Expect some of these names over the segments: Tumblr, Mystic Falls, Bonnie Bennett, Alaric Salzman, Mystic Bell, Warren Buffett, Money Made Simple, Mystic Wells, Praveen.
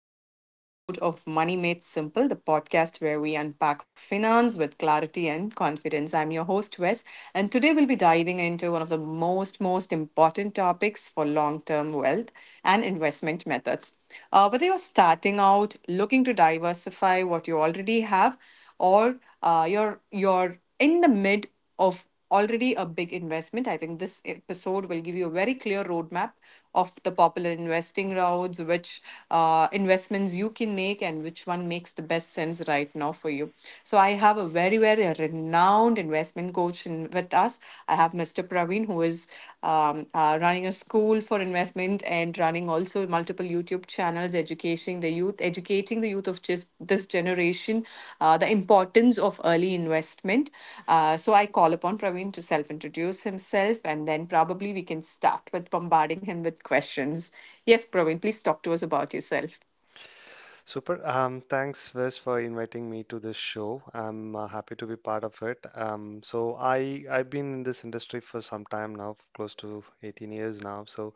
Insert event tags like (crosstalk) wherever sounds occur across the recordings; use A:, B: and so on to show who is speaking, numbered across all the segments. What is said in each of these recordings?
A: to one more episode of Money Made Simple, the podcast where we unpack finance with clarity and confidence. I'm your host, Wes, and today we'll be diving into one of the most important topics for long term wealth and investment methods. Whether you're starting out, looking to diversify what you already have, or you're in the mid of already a big investment. I think this episode will give you a very clear roadmap of the popular investing routes, which investments you can make, and which one makes the best sense right now for you. So, I have a very, very renowned investment coach with us. I have Mr. Praveen, who is running a school for investment and running also multiple YouTube channels, educating the youth of just this generation, the importance of early investment. So I call upon Praveen to self-introduce himself, and then probably we can start with bombarding him with questions. Yes, Praveen, please talk to us about yourself.
B: Super. Thanks, Wes, for inviting me to this show. I'm happy to be part of it. So I've been in this industry for some time now, close to 18 years now. So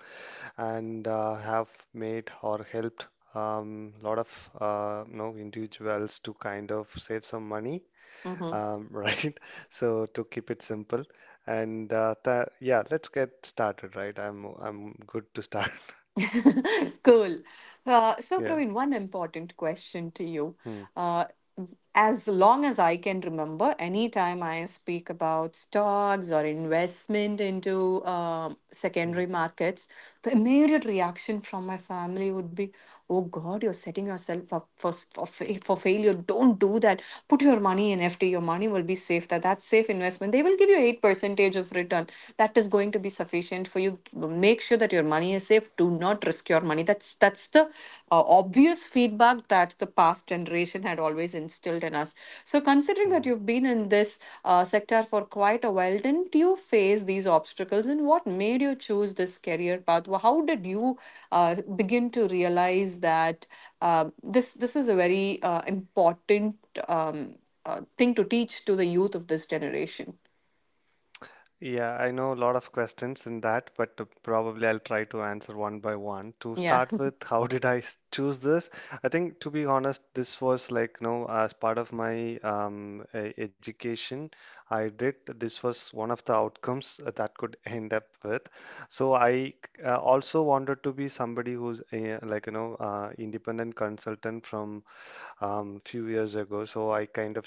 B: and have made or helped lot of individuals to kind of save some money,
A: Mm-hmm.
B: (laughs) right? So to keep it simple, and tha yeah, let's get started, right? I'm good to start. (laughs)
A: (laughs) Cool. So,
B: Yeah.
A: Praveen, one important question to you.
B: Hmm.
A: Uh, as long as I can remember, anytime I speak about stocks or investment into
B: Hmm.
A: secondary markets, the immediate reaction from my family would be, "Oh God, you're setting yourself up for failure. Don't do that. Put your money in FD. Your money will be safe. That's safe investment. They will give you 8 percentage of return. That is going to be sufficient for you. Make sure that your money is safe. Do not risk your money." That's the obvious feedback that the past generation had always instilled in us. So considering that
B: Hmm.
A: you've been in this sector for quite a while, didn't you face these obstacles? And what made you choose this career path? How did you uh, begin to realize that uh, this is a very important um, thing to teach to the youth of this generation?
B: Yeah, I know a lot of questions in that, but probably I'll try to answer one by one. To
A: Yeah.
B: start with, (laughs) how did I choose this? I think, to be honest, this was like, as part of my education, I did, this was one of the outcomes that could (laughs) end up with. So I also wanted to be somebody who's like, independent consultant from few years ago. So I kind of,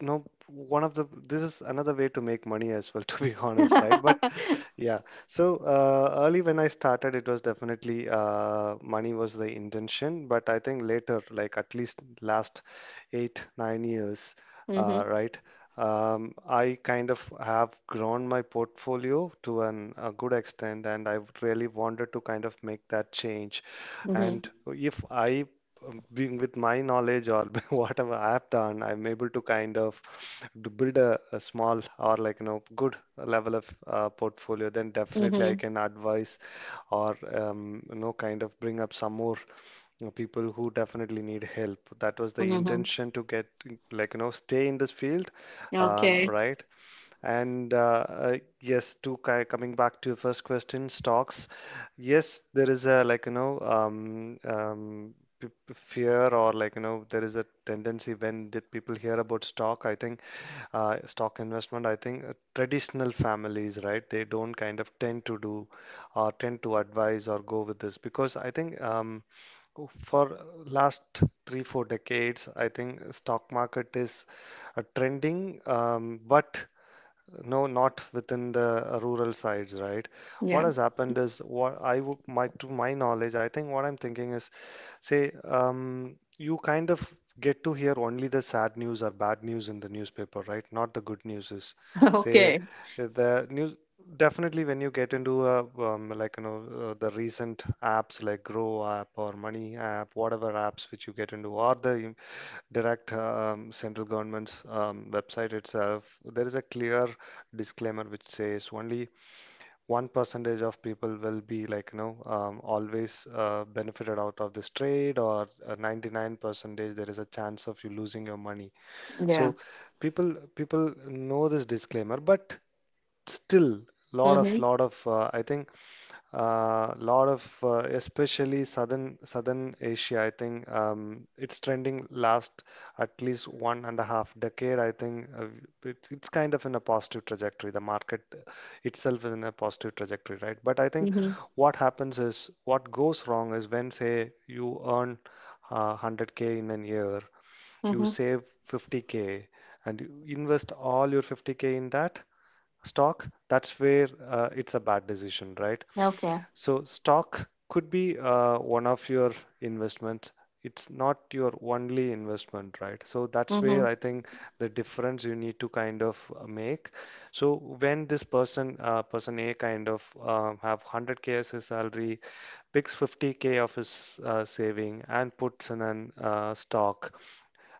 B: no, one of the, this is another way to make money as well, (laughs) to be honest, right? But
A: (laughs)
B: yeah. So early when I started, it was definitely money was the intention, but I think later, like at least last 8, 9 years
A: Mm-hmm.
B: right. I kind of have grown my portfolio to an, a good extent, and I really wanted to kind of make that change. And if I, being with my knowledge or (laughs) whatever I've done, I'm able to kind of to build a small or good level of portfolio, then definitely I
A: Mm-hmm.
B: can advise or kind of bring up some more, people who definitely need help. That was the
A: Mm-hmm.
B: intention to get, stay in this field,
A: Okay.
B: right. And yes, to ki coming back to your first question, stocks. Yes, there is a fear, or there is a tendency when the people hear about stock. I think stock investment. I think traditional families, right? They don't kind of tend to do or tend to advise or go with this, because I think for last 3, 4 decades, I think stock market is trending, but no, not within the rural sides, right? What
A: Yeah.
B: has happened is what I would, my to my knowledge, I think what I'm thinking is, say, you kind of get to hear only the sad news or bad news in the newspaper, right? Not the good news is,
A: (laughs)
B: say,
A: Okay.
B: the news. Definitely, when you get into a, the recent apps like Grow app or Money app, whatever apps which you get into, or the direct central government's website itself, there is a clear disclaimer which says only 1 percentage of people will be always benefited out of this trade, or 99 percentage there is a chance of you losing your money. So
A: Yeah.
B: people know this disclaimer, but still lot of
A: Mm-hmm.
B: lot of I think, lot of, especially southern Asia, I think it's trending last at least one and a half decade, I think it's kind of in a positive trajectory, the market itself is in a positive trajectory, right? But I think
A: Mm-hmm.
B: what happens is, what goes wrong is when, say, you earn 100K in a year, you
A: Mm-hmm.
B: save 50K and you invest all your 50K in that stock, that's where it's a bad decision, right?
A: Okay.
B: So stock could be one of your investments. It's not your only investment, right? So that's where
A: Mm-hmm.
B: I think the difference you need to kind of make. So when this person, person A, kind of have 100K as his salary, picks 50K of his saving and puts in an stock.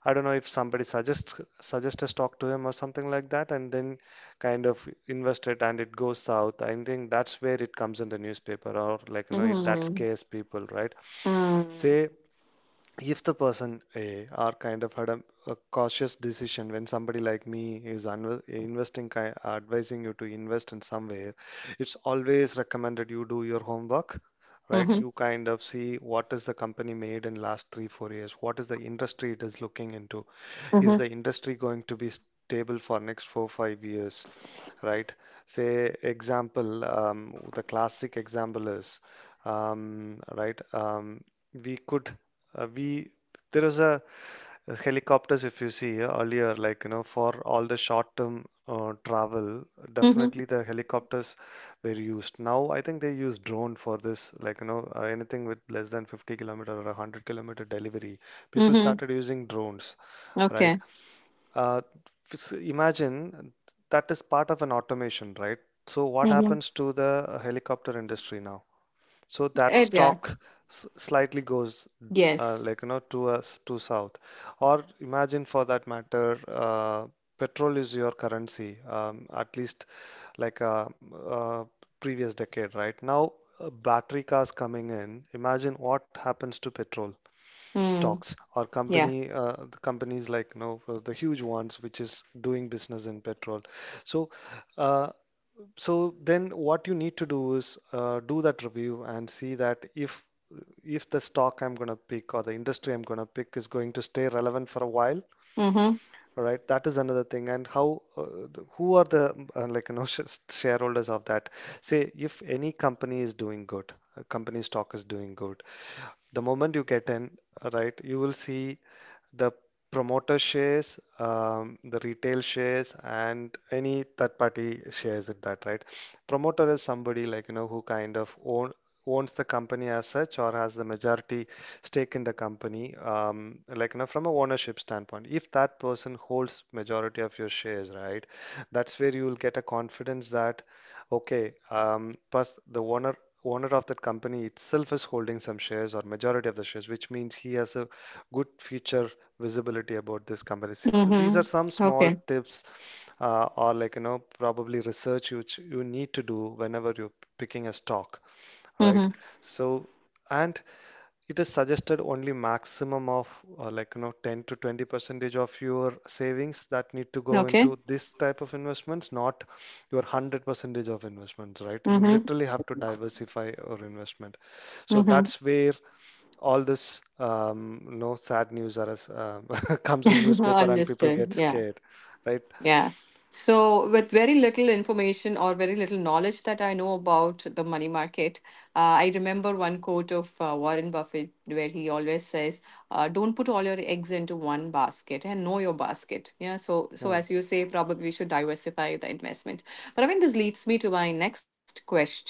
B: I don't know if somebody suggest a stock to him or something like that, and then kind of invest it and it goes south. I think that's where it comes in the newspaper, or that
A: Mm-hmm.
B: scares people, right? Say if the person A are kind of had a cautious decision when somebody like me is investing, advising you to invest in somewhere, it's always recommended you do your homework, right?
A: Mm-hmm.
B: You kind of see what is the company made in last 3, 4 years, what is the industry it is looking into, is
A: Mm-hmm.
B: the industry going to be stable for next 4, 5 years, right? Say example, the classic example is, right? We could we there was a helicopters. If you see earlier, for all the short term travel,
A: Mm-hmm.
B: definitely the helicopters were used. Now I think they use drone for this, anything with less than 50 kilometer or 100-kilometer delivery, people
A: Mm-hmm.
B: started using drones, right.
A: Okay.
B: uh, Imagine that is part of an automation, right? So what
A: Mm-hmm.
B: happens to the helicopter industry now? So that
A: And yeah.
B: stock slightly goes,
A: Yes.
B: to south. Or imagine for that matter, petrol is your currency, at least like a, uh previous decade, right? Now battery cars coming in. Imagine what happens to petrol
A: Mm.
B: stocks or
A: Yeah.
B: company the companies the huge ones which is doing business in petrol. So. Uh, so then what you need to do is do that review and see that if the stock I'm going to pick or the industry I'm going to pick is going to stay relevant for a while,
A: Mm-hmm.
B: right? That is another thing. And how who are the (laughs) sh shareholders of that? Say if any company is doing good, a company stock is doing good, the moment you get in, right, you will see the promoter shares, the retail shares, and any third party shares it that, right? Promoter is somebody like, who kind of owns the company as such, or has the majority stake in the company, like, from a ownership standpoint. If that person holds majority of your shares, right, that's where you will get a confidence that, okay, plus the owner of that company itself is holding some shares or majority of the shares, which means he has a good future visibility about this company. So, these
A: Mm-hmm.
B: are some small
A: Okay.
B: tips or probably research which you need to do whenever you're picking a stock, right?
A: Mm-hmm.
B: So and it is suggested only maximum of 10 to 20 percentage of your savings that need to go
A: Okay.
B: into this type of investments, not your 100 percentage of investments, right? You
A: Mm-hmm.
B: literally have to diversify your investment. So that's where all this sad news are as, (laughs) comes in
A: Mm-hmm. (laughs)
B: newspaper and people
A: Understood.
B: get
A: Yeah.
B: scared, right.
A: Yeah. So, with very little information or very little knowledge that I know about the money market, I remember one quote of Warren Buffett where he always says, don't put all your eggs into one basket and know your basket. Yeah, so
B: Hmm.
A: as you say, probably we should diversify the investment. But I mean, this leads me to my next question.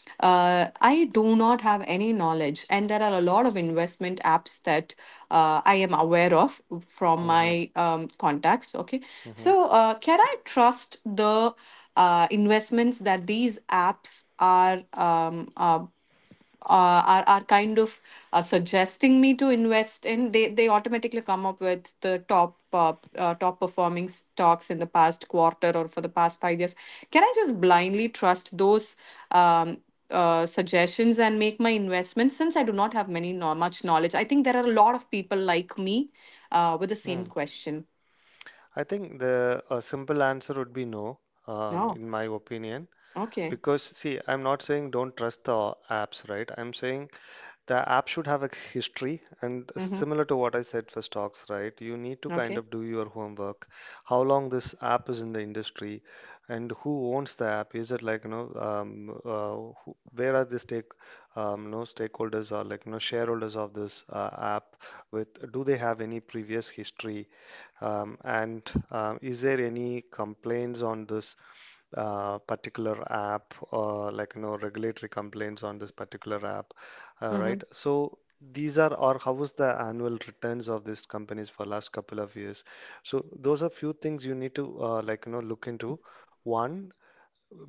A: I do not have any knowledge, and there are a lot of investment apps that I am aware of from
B: Hmm. Hmm.
A: my contacts. Okay.
B: Hmm. Hmm.
A: So can I trust the investments that these apps are are kind of suggesting me to invest in? They automatically come up with the top top performing stocks in the past quarter or for the past 5 years. Can I just blindly trust those um suggestions and make my investments, since I do not have many no, much knowledge? I think there are a lot of people like me with the same
B: Hmm.
A: question.
B: I think the a simple answer would be no,
A: Oh,
B: in my opinion,
A: okay.
B: because see, I'm not saying don't trust the apps, right? I'm saying the app should have a history, and
A: Mm-hmm.
B: similar to what I said for stocks, right? You need to kind of
A: Okay.
B: do your homework. How long this app is in the industry, and who owns the app? Is it like where are the stakeholders or shareholders of this app? With Do they have any previous history? And is there any complaints on this particular app, or regulatory complaints on this particular app,
A: Mm-hmm.
B: right. So these are, or how was the annual returns of these companies for last couple of years, so those are few things you need to look into one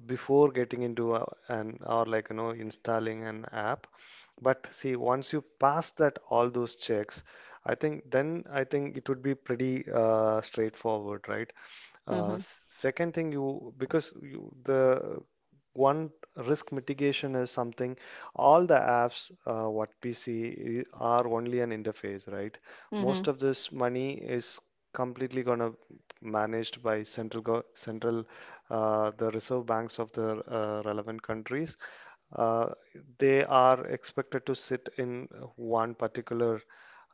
B: before getting into an, or installing an app. But see, once you pass that, all those checks, I think, then I think it would be pretty straightforward, right?
A: Mm-hmm.
B: Second thing, you, because you, the one risk mitigation is something all the apps, what we see, are only an interface, right?
A: Mm-hmm.
B: Most of this money is completely gonna managed by central, the reserve banks of the relevant countries. Uh, they are expected to sit in one particular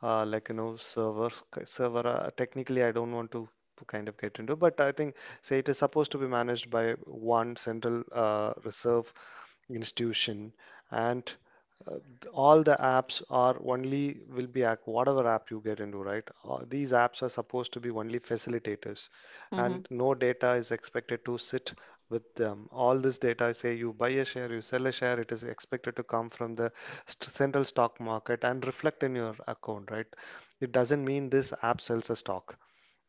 B: server technically I don't want to kind of get into, but I think, say, it is supposed to be managed by one central reserve institution. And uh, th- all the apps are only will be whatever app you get into, right? These apps are supposed to be only facilitators,
A: Mm-hmm.
B: and no data is expected to sit with. All this data, say you buy a share, you sell a share, it is expected to come from the central stock market and reflect in your account, right? It doesn't mean this app sells a stock,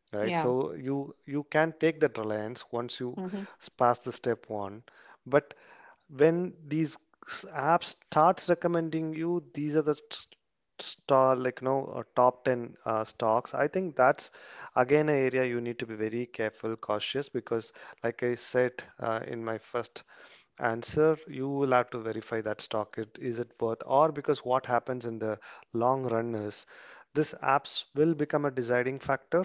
A: Yeah.
B: right? So you can take that reliance once you
A: Mm-hmm.
B: pass the step one. But when these apps starts recommending you, these are the star top 10 stocks, I think that's again an area you need to be very careful, cautious, because like I said, in my first answer, you will have to verify that stock, it is it worth or, because what happens in the long run is this apps will become a deciding factor.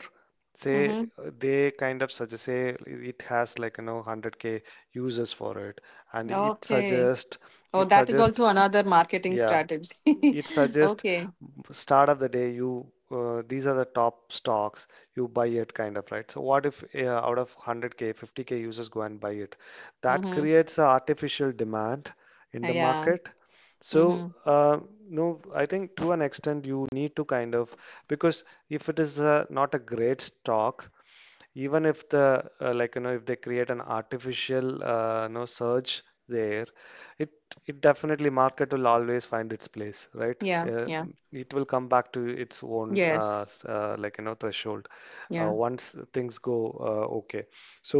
B: Say
A: Mm-hmm.
B: they kind of suggest, say it has 100K users for it, and it
A: Okay.
B: suggest,
A: Oh,
B: it
A: that is
B: suggest,
A: also another marketing
B: yeah,
A: strategy.
B: it
A: (laughs)
B: suggest
A: Okay.
B: start of the day you, these are the top stocks, you buy it kind of, right? So what if out of 100K, 50K users go and buy it? That
A: Mm-hmm.
B: creates a artificial demand in the
A: Yeah.
B: market. So
A: Mm-hmm.
B: no, I think to an extent you need to kind of, because if it is not a great stock, even if the if they create an artificial surge there, it it definitely, market will always find its place, right?
A: Yeah.
B: uh,
A: Yeah.
B: it will come back to its own
A: Yes.
B: threshold,
A: Yeah.
B: once things go okay. So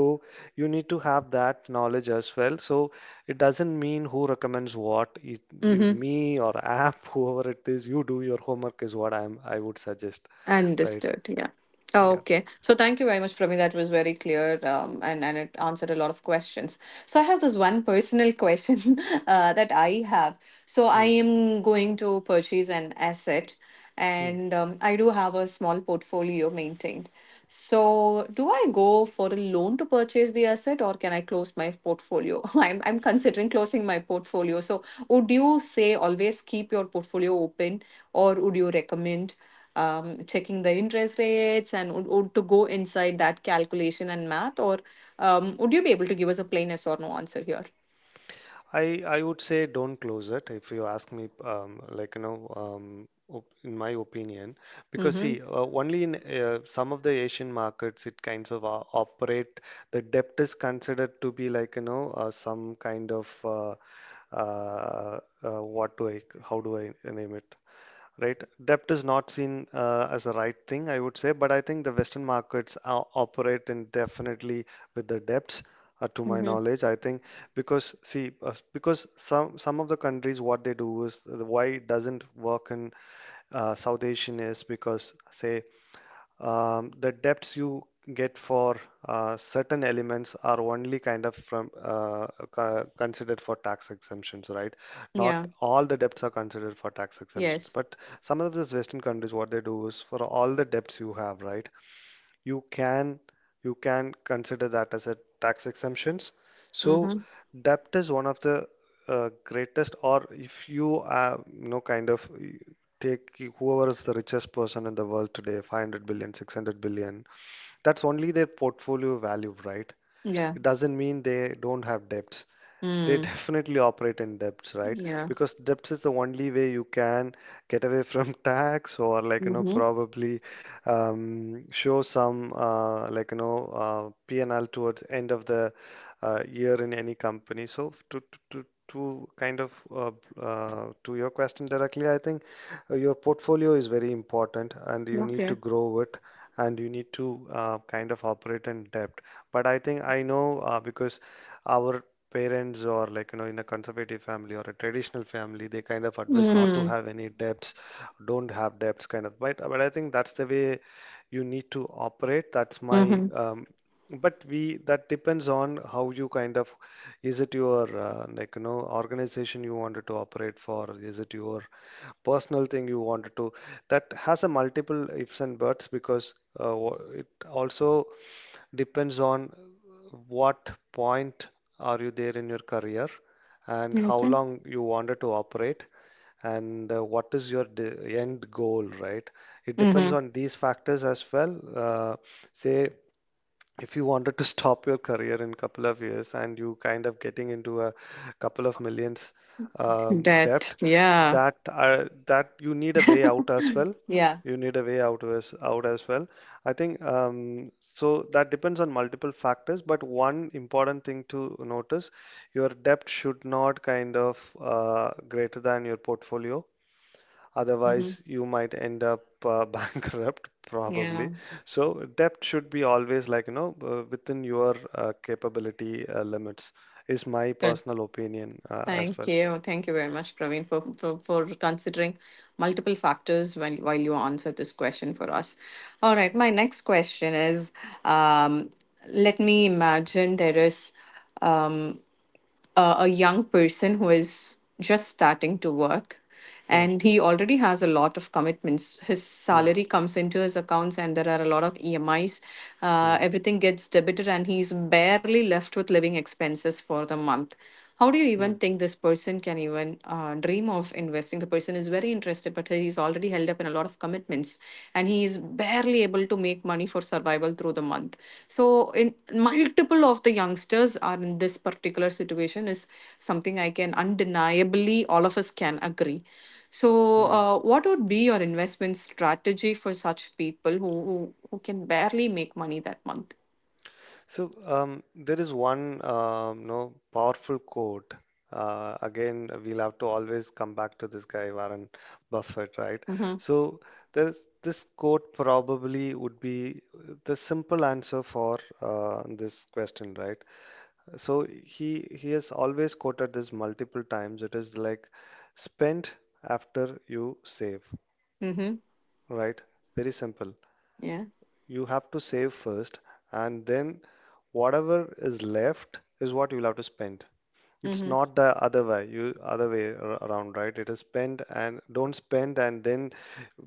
B: you need to have that knowledge as well. So it doesn't mean who recommends what, it, you,
A: Mm-hmm.
B: me or app, (laughs) whoever it is, you do your homework is what I would suggest, right?
A: Understood. Yeah. Oh,
B: Yeah.
A: okay. So thank you very much, Prami. That was very clear, and it answered a lot of questions. So I have this one personal question, (laughs) that I have. So I
B: Hmm.
A: am going to purchase an asset,
B: Hmm.
A: and I do have a small portfolio maintained. So do I go for a loan to purchase the asset, or can I close my portfolio? (laughs) I'm considering closing my portfolio. So would you say always keep your portfolio open, or would you recommend checking the interest rates, and would to go inside that calculation and math, or would you be able to give us a plain yes or no answer here?
B: I would say don't close it if you ask me, op in my opinion, because
A: Mm-hmm.
B: see, only in some of the Asian markets it kinds of operate, the debt is considered to be some kind of uh, what do I, how do I name it. Right. Debt is not seen as a right thing, I would say, but I think the Western markets operate indefinitely with the debts, to my
A: Mm-hmm.
B: knowledge. I think, because see, because some of the countries what they do is, why it doesn't work in South Asian is because, say, the depths you get for certain elements are only kind of from considered for tax exemptions, right? Not
A: Yeah.
B: all the debts are considered for tax exemptions,
A: Yes.
B: but some of these Western countries, what they do is for all the debts you have, right? you can you can consider that as a tax exemptions. So
A: Mm-hmm.
B: debt is one of the greatest, or if you you know kind of take whoever is the richest person in the world today, 500 billion, 600 billion, that's only their portfolio value, right?
A: Yeah.
B: It doesn't mean they don't have debts. They (laughs)
A: Mm.
B: definitely operate in debts, right?
A: Yeah.
B: Because debts is the only way you can get away from (laughs) tax, or like, you know,
A: Mm-hmm.
B: probably show some P&L towards end of the year in any company. So to kind of to your question directly, I think your portfolio is very important and you need to
A: Okay.
B: grow it, and you need to kind of operate in debt. But I think I know, because our parents, or in a conservative family or a traditional family, they kind of advise not to
A: Mm-hmm.
B: have any debts, don't have debts kind of. But I think that's the way you need to operate. That's my
A: Mm-hmm.
B: but we, that depends on how you kind of, is it your organization you wanted to operate for? Is it your personal thing you wanted to? That has a multiple ifs and buts, because it also depends on what point are you there in your career, and how
A: Okay.
B: long you wanted to operate, and what is your end goal, right? It depends
A: Mm-hmm.
B: on these factors as well. Say if you wanted to (laughs) stop your career in couple of years and you kind of getting into a couple of millions debt,
A: Debt, yeah.
B: that that you need a way out as well.
A: Yeah.
B: You need a way out as well. I think so that depends on multiple factors, but one important thing to notice, your debt should not kind of greater than your portfolio.
A: Mm-hmm.
B: Otherwise, you might end up (laughs) bankrupt,
A: Yeah.
B: probably. So debt should be always like, you know, within your capability limits, is my personal opinion as
A: Thank
B: well.
A: you. Thank you very much, Praveen, for considering multiple factors while you answer this question for us. All right, my next question is, um, let me imagine there is um, a young person who is just starting to work,
B: Hmm,
A: and he already has a lot of commitments. His
B: hmm,
A: salary comes into his accounts, and there are a lot of EMIs.
B: hmm,
A: Everything gets debited, and he's barely left with living expenses for the month. How do you
B: hmm,
A: even think this person can even dream of investing? The person is very interested, but he's already held up in a lot of commitments, and he is barely able to make money for survival through the month. So in multiple of the youngsters are in this particular situation is something I can undeniably all of us can agree. So
B: hmm.
A: what would be your investment strategy for such people who can barely make money that month?
B: So there is one you powerful quote. Again, we'll have to always come back to this guy Warren Buffett, right?
A: Mm-hmm.
B: So there's this quote probably would be the simple answer for this question, right? So he has always quoted this multiple times. It is like, spend after you save,
A: Mm-hmm.
B: right? Very simple,
A: Yeah.
B: you have to save first, and then whatever is left is what you'll have to spend. It's
A: Mm-hmm.
B: not the other way, you other way around, right? It is spend and don't spend, and then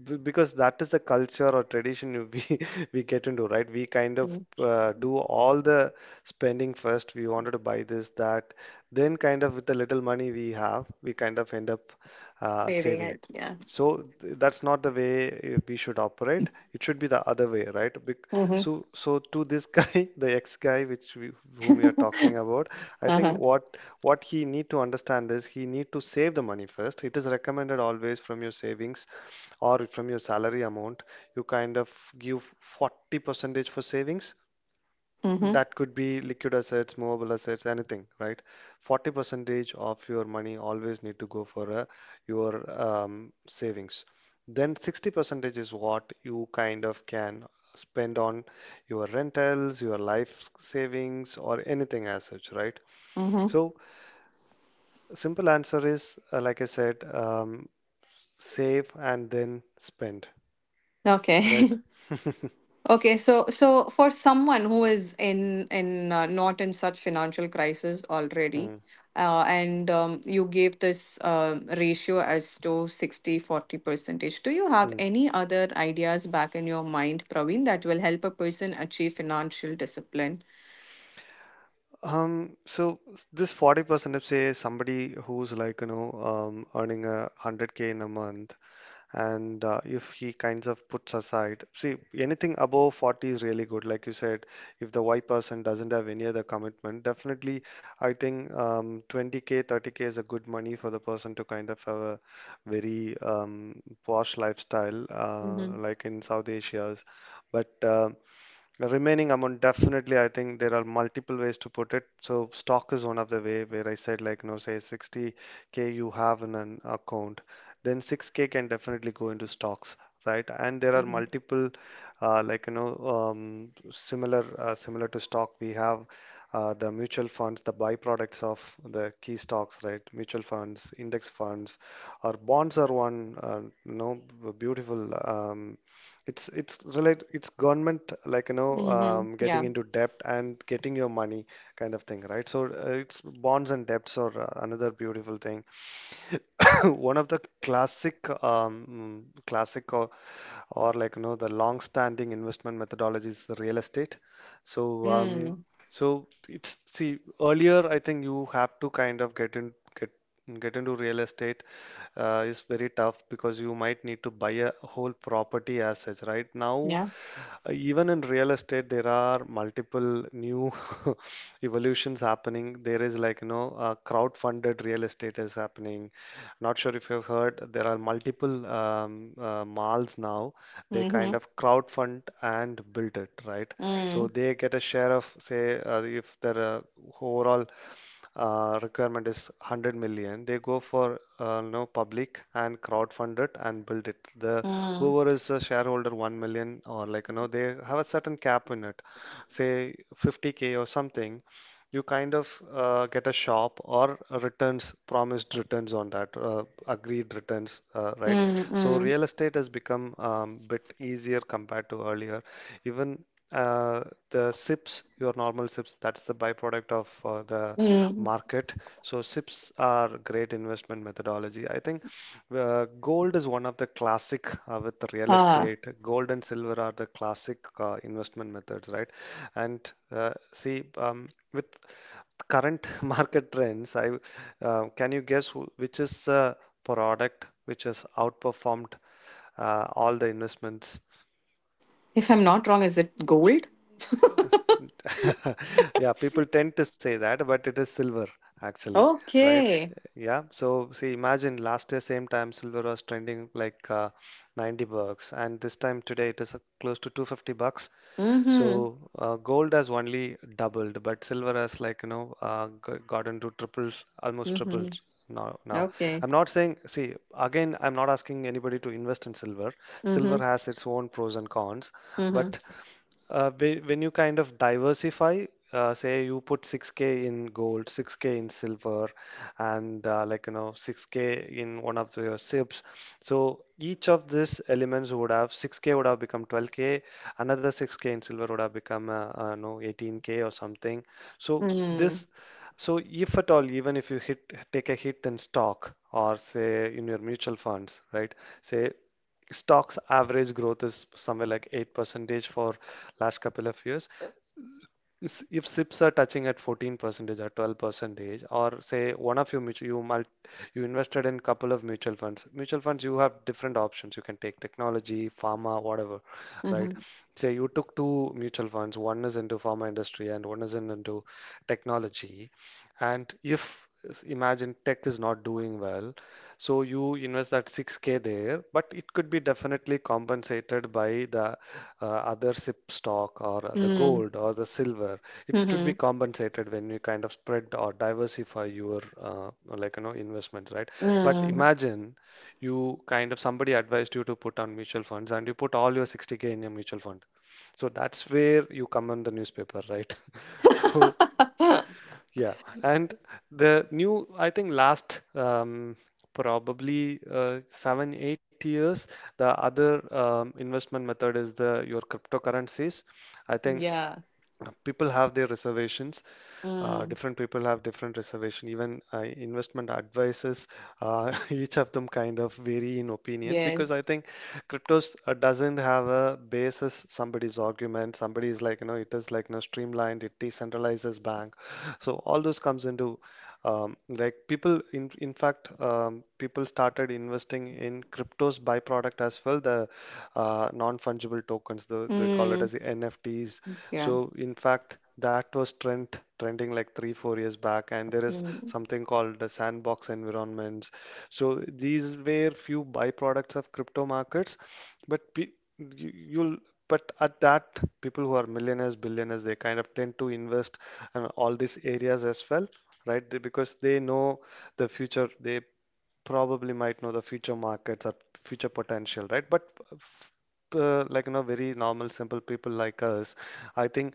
B: because that is the culture or tradition you- we (laughs) we get into, right? We kind of
A: Mm-hmm.
B: do all the spending first. We wanted to buy this, that, then kind of with the little money we have, we kind of end up
A: Saving
B: saving.
A: it. Yeah.
B: So that's not the way we should operate. It should be the other way, right?
A: Mm-hmm.
B: So, to this guy, (laughs) the ex guy, which we, whom we are talking
A: (laughs)
B: about, I think
A: Uh-huh.
B: what he need to understand is he need to save the money first. It is recommended always from your savings or from your salary amount. You kind of give 40 percentage for savings,
A: Mm-hmm.
B: that could be liquid assets, movable assets, anything, right? 40 percentage of your money always need to go for your savings. Then 60 percentage is what you kind of can spend on your rentals, your life savings, or anything as such, right?
A: Mm-hmm.
B: So simple answer is, like I said, save and then spend, right?
A: Okay. (laughs)
B: (laughs)
A: Okay, so for someone who is in not in such financial crisis already,
B: Mm,
A: and you gave this ratio as to 60-40 percentage. Do you have
B: mm.
A: any other ideas back in your mind, Praveen, that will help a person achieve financial discipline?
B: So this 40%, if say somebody who's earning a 100K in a month, and if he kinds of puts aside, see, anything above 40 is really good. Like you said, if the Y person doesn't have any other commitment, definitely I think 20K, 30K is a good money for the person to kind of have a very posh lifestyle,
A: Mm-hmm.
B: like in South Asia's. But the remaining amount, definitely, I think there are multiple ways to put it. So stock is one of the way where I said like, you know, say 60K you have in an account, then 6K can definitely go into stocks, right? And there are
A: Mm-hmm.
B: multiple, similar to stock, we have the mutual funds, the byproducts of the key stocks, right? Mutual funds, index funds, or bonds are one, beautiful it's relate it's government
A: Mm-hmm.
B: getting
A: Yeah.
B: into debt and getting your money kind of thing, right? So it's bonds and debts are another beautiful thing. (coughs) One of the classic classic or the long-standing investment methodology is the real estate. So
A: Hmm.
B: so it's, see, earlier I think you have to kind of get in get get into real estate is very tough, because you might need to buy a whole property as such. Right now
A: Yeah.
B: even in real estate, there are multiple new (laughs) evolutions happening. There is like, you know, crowdfunded real estate is happening. Not sure if you've heard, there are multiple malls now. They
A: Mm-hmm.
B: kind of crowdfund and build it, right? So
A: Mm.
B: they get a share of, say, if there are overall requirement is 100 million, they go for public and crowdfund it and build it. The
A: Mm.
B: whoever is a shareholder, 1 million, or they have a certain cap in it, say 50K or something, you kind of get a shop, or returns, promised returns on that, agreed returns, right?
A: Mm.
B: So
A: Mm.
B: real estate has become a bit easier compared to earlier. Even uh, the SIPs, your normal SIPs, that's the byproduct of the
A: Mm.
B: market. So SIPs are great investment methodology. I think gold is one of the classic with real
A: Ah,
B: estate. Gold and silver are the classic investment methods, right? And with current (laughs) market trends, I can you guess which is the product which has outperformed all the investments?
A: if I'm not wrong, is it gold?
B: (laughs) Yeah, people tend to say that, but it is silver actually, right?
A: Okay.
B: Yeah. So see, imagine last year same time silver was trending like 90 bucks, and this time today it is close to 250 bucks.
A: Mm-hmm.
B: So gold has only doubled, but silver has gotten to triples, almost tripled
A: Mm-hmm.
B: now. Now,
A: Okay.
B: I'm not saying. See, again, I'm not asking anybody to invest in silver. Silver
A: Mm-hmm.
B: has its own pros and cons,
A: Mm-hmm.
B: but when you kind of diversify, say you put 6K in gold, 6K in silver, and 6K in one of the, your SIPs. So each of these elements would have 6K would have become 12K, another 6K in silver would have become no 18K or something. So
A: Mm.
B: this, so if at all, even if you hit take a hit in stock or say in your mutual funds, right? Say stocks average growth is somewhere like 8 percentage for last couple of years. If SIPs are touching at 14 percentage or 12 percentage, or say one of you invested in couple of mutual funds. Mutual funds, you have different options. You can take technology, pharma, whatever, right?
A: Mm-hmm.
B: Say you took two mutual funds. One is into pharma industry and one is in into technology. And if s- imagine tech is not doing well, so you invest that 6K there, but it could be definitely compensated by the other SIP stock or the
A: Mm.
B: gold or the silver. It would be
A: Mm-hmm.
B: compensated when you kind of spread or diversify your investments, right? But
A: Mm.
B: imagine you kind of somebody advised you to put on mutual funds and you put all your 60K in a mutual fund. So that's where you come on the newspaper, right? (laughs) So
A: (laughs)
B: yeah, and I think last probably 7, 8 years, the other investment method is the your cryptocurrencies. I think
A: Yeah.
B: people have their reservations
A: Mm.
B: different people have different reservation even investment advisors (laughs) each of them kind of vary in opinion because I
A: Yes.
B: think cryptos doesn't have a basis. Somebody's argument, somebody is it is streamlined, it decentralizes bank. So all those comes into like people in fact people started investing in crypto's byproduct as well, the non-fungible tokens, they call it
A: Mm.
B: as the NFTs.
A: Yeah.
B: So in fact that was trending like 3 4 years back, and there is
A: Mm.
B: something called the sandbox environments. So these were few byproducts of crypto markets, but pe- you, you'll but at that, people who are millionaires, billionaires, they kind of tend to invest in all these areas as well, right? They, because they know the future, they probably might know the future markets or future potential, right? But f- very normal, simple people like us, I think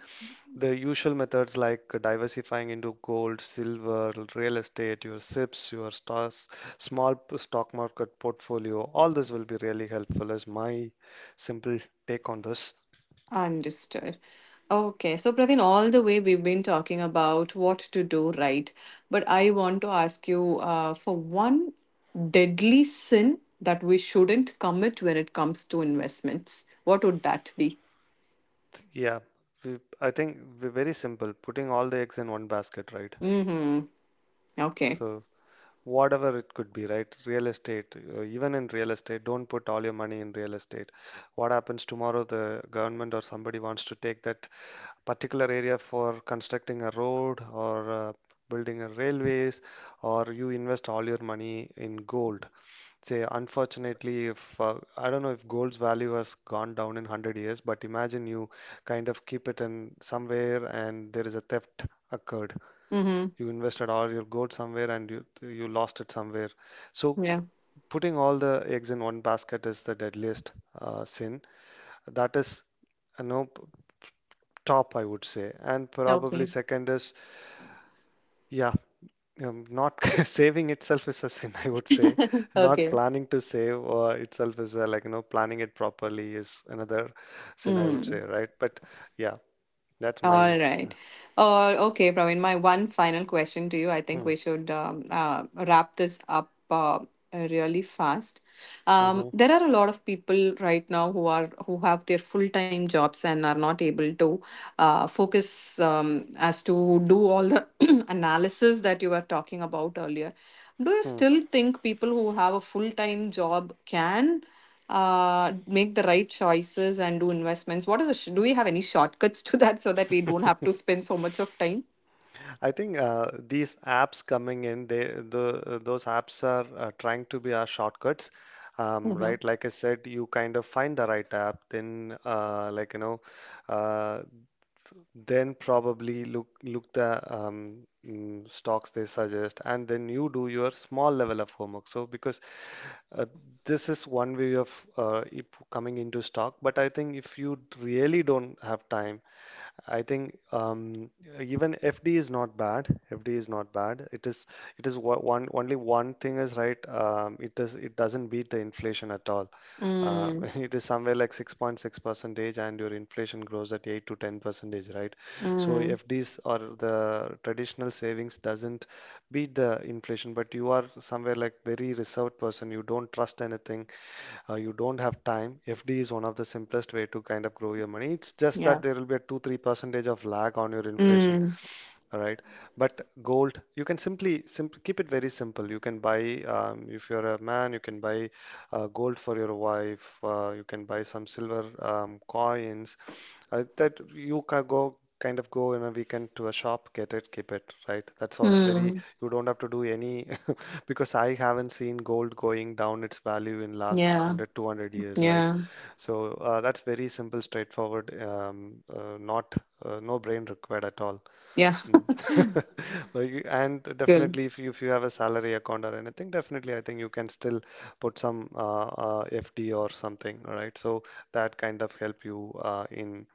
B: the usual methods like diversifying into gold, silver, real estate, your SIPs, your stocks, stock market portfolio, all this will be really helpful. Is my simple take on this?
A: Understood. Okay, so Praveen, all the way we've been talking about what to do, right, but I want to ask you for one deadly sin that we shouldn't commit when it comes to investments. What would that be?
B: Yeah, I think we're very simple, putting all the eggs in one basket, right?
A: Mm-hmm. Okay.
B: So, whatever it could be, right? Real estate, even in real estate, don't put all your money in real estate. What happens tomorrow, the government or somebody wants to take that particular area for constructing a road or building a railways, or you invest all your money in gold. Say, unfortunately, if I don't know if gold's value has gone down in 100 years, but imagine you kind of keep it in somewhere and there is a theft occurred,
A: Mm-hmm.
B: you invested all. You got somewhere and you lost it somewhere. So
A: Yeah.
B: putting all the eggs in one basket is the deadliest sin that is no p- top, I would say. And probably
A: Okay.
B: second is, yeah, not (laughs) saving itself is a sin, I would say.
A: (laughs)
B: Not
A: Okay.
B: planning to save itself is a, planning it properly is another sin, I would
A: Mm.
B: say, right? But yeah, that's my
A: All
B: uh,
A: right. Okay, Praveen, my one final question to you. I think
B: hmm,
A: we should wrap this up, really fast.
B: mhm,
A: There are a lot of people right now who have their full-time jobs and are not able to focus, as to do all the (clears throat) analysis that you were talking about earlier. Do you
B: hmm.
A: still think people who have a full-time job can make the right choices and do investments? What is do we have any shortcuts to that so that we don't have to
B: (laughs)
A: spend so much of time?
B: I think these apps coming in, they the those apps are trying to be our shortcuts,
A: Mm-hmm.
B: right? Like I said, you kind of find the right app, then uh, then probably look the stocks they suggest, and then you do your small level of homework. So because uh, this is one way of it coming into stock. But I think if you really don't have time, I think even FD is not bad. FD is not bad. One only one thing is right. It doesn't beat the inflation at all. Uh,
A: Mm,
B: (laughs) it is somewhere like 6.6 percentage, and your inflation grows at 8 to 10 percentage, right? So
A: mm,
B: FDs or the traditional savings doesn't beat the inflation, but you are somewhere like very reserved person. You don't trust anything. You don't have time. FD is one of the simplest way to kind of grow your money. It's just
A: yeah.
B: that there will be a 2-3 percentage of lag on your inflation,
A: Mm,
B: all right. But gold, you can simply simp keep it very simple. You can buy, if you're a man, you can buy gold for your wife. You can buy some silver coins that you can go kind of go in a weekend to a shop, get it, keep it, right? That's all. Very,
A: mm,
B: you don't have to do any, (laughs) because I haven't seen gold going down its value in last one
A: yeah.
B: hundred, 200 years, right?
A: Yeah.
B: So that's very simple, straightforward, not no brain required at all.
A: Yeah.
B: Mm. (laughs) Like, and
A: (laughs) Good.
B: definitely, if you have a salary account or anything, definitely, I think you can still put some FD or something. All right. So that kind of help you in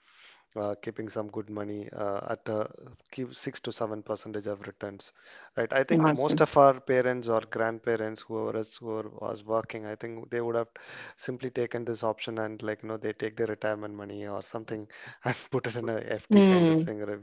B: keeping some good money at keep 6 to 7% of returns, right? I think most
A: Awesome.
B: of our parents or grandparents, whoever is who was working, I think they would have simply taken this option, and they take their retirement money or something and (laughs) put it in a FD kind of
A: Mm,
B: thing, or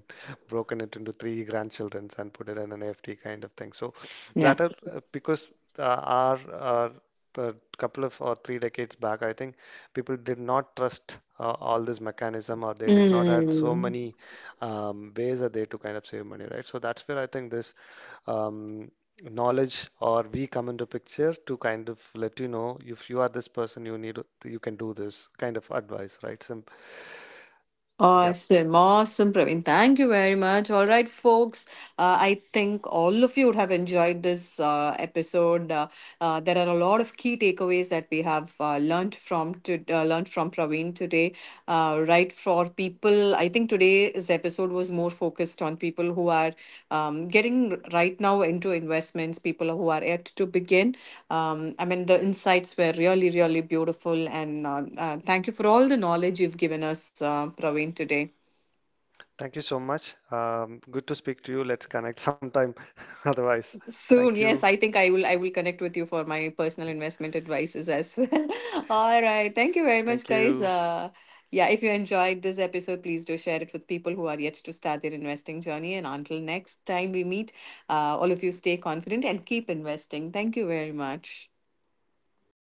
B: broken it into three grandchildrens and put it in an FD kind of thing. So
A: yeah.
B: that are our a couple of or three decades back, I think people did not trust all this mechanism, or they did not had so
A: Mm.
B: many ways that they to kind of save money, right? So that's where I think this um, knowledge or we come into picture to kind of let you know, if you are this person you need, you can do this kind of advice, right? Sim Yeah,
A: Awesome, awesome, Praveen. Thank you very much. All right, folks. I think all of you would have enjoyed this episode. There are a lot of key takeaways that we have learned from Praveen today. Right, for people, I think today's episode was more focused on people who are getting right now into investments, people who are yet to begin. I mean, the insights were really, really beautiful, and thank you for all the knowledge you've given us, Praveen, today.
B: thank you so much. Good to speak to you. Let's connect sometime. (laughs) Otherwise, thank
A: Soon,
B: you.
A: yes, I think I will connect with you for my personal investment advices as well. (laughs) All right. Thank you very
B: Thank
A: much, guys.
B: you.
A: Yeah, if you enjoyed this episode, please do share it with people who are yet to start their investing journey. And until next time we meet, all of you stay confident and keep investing. Thank you very much.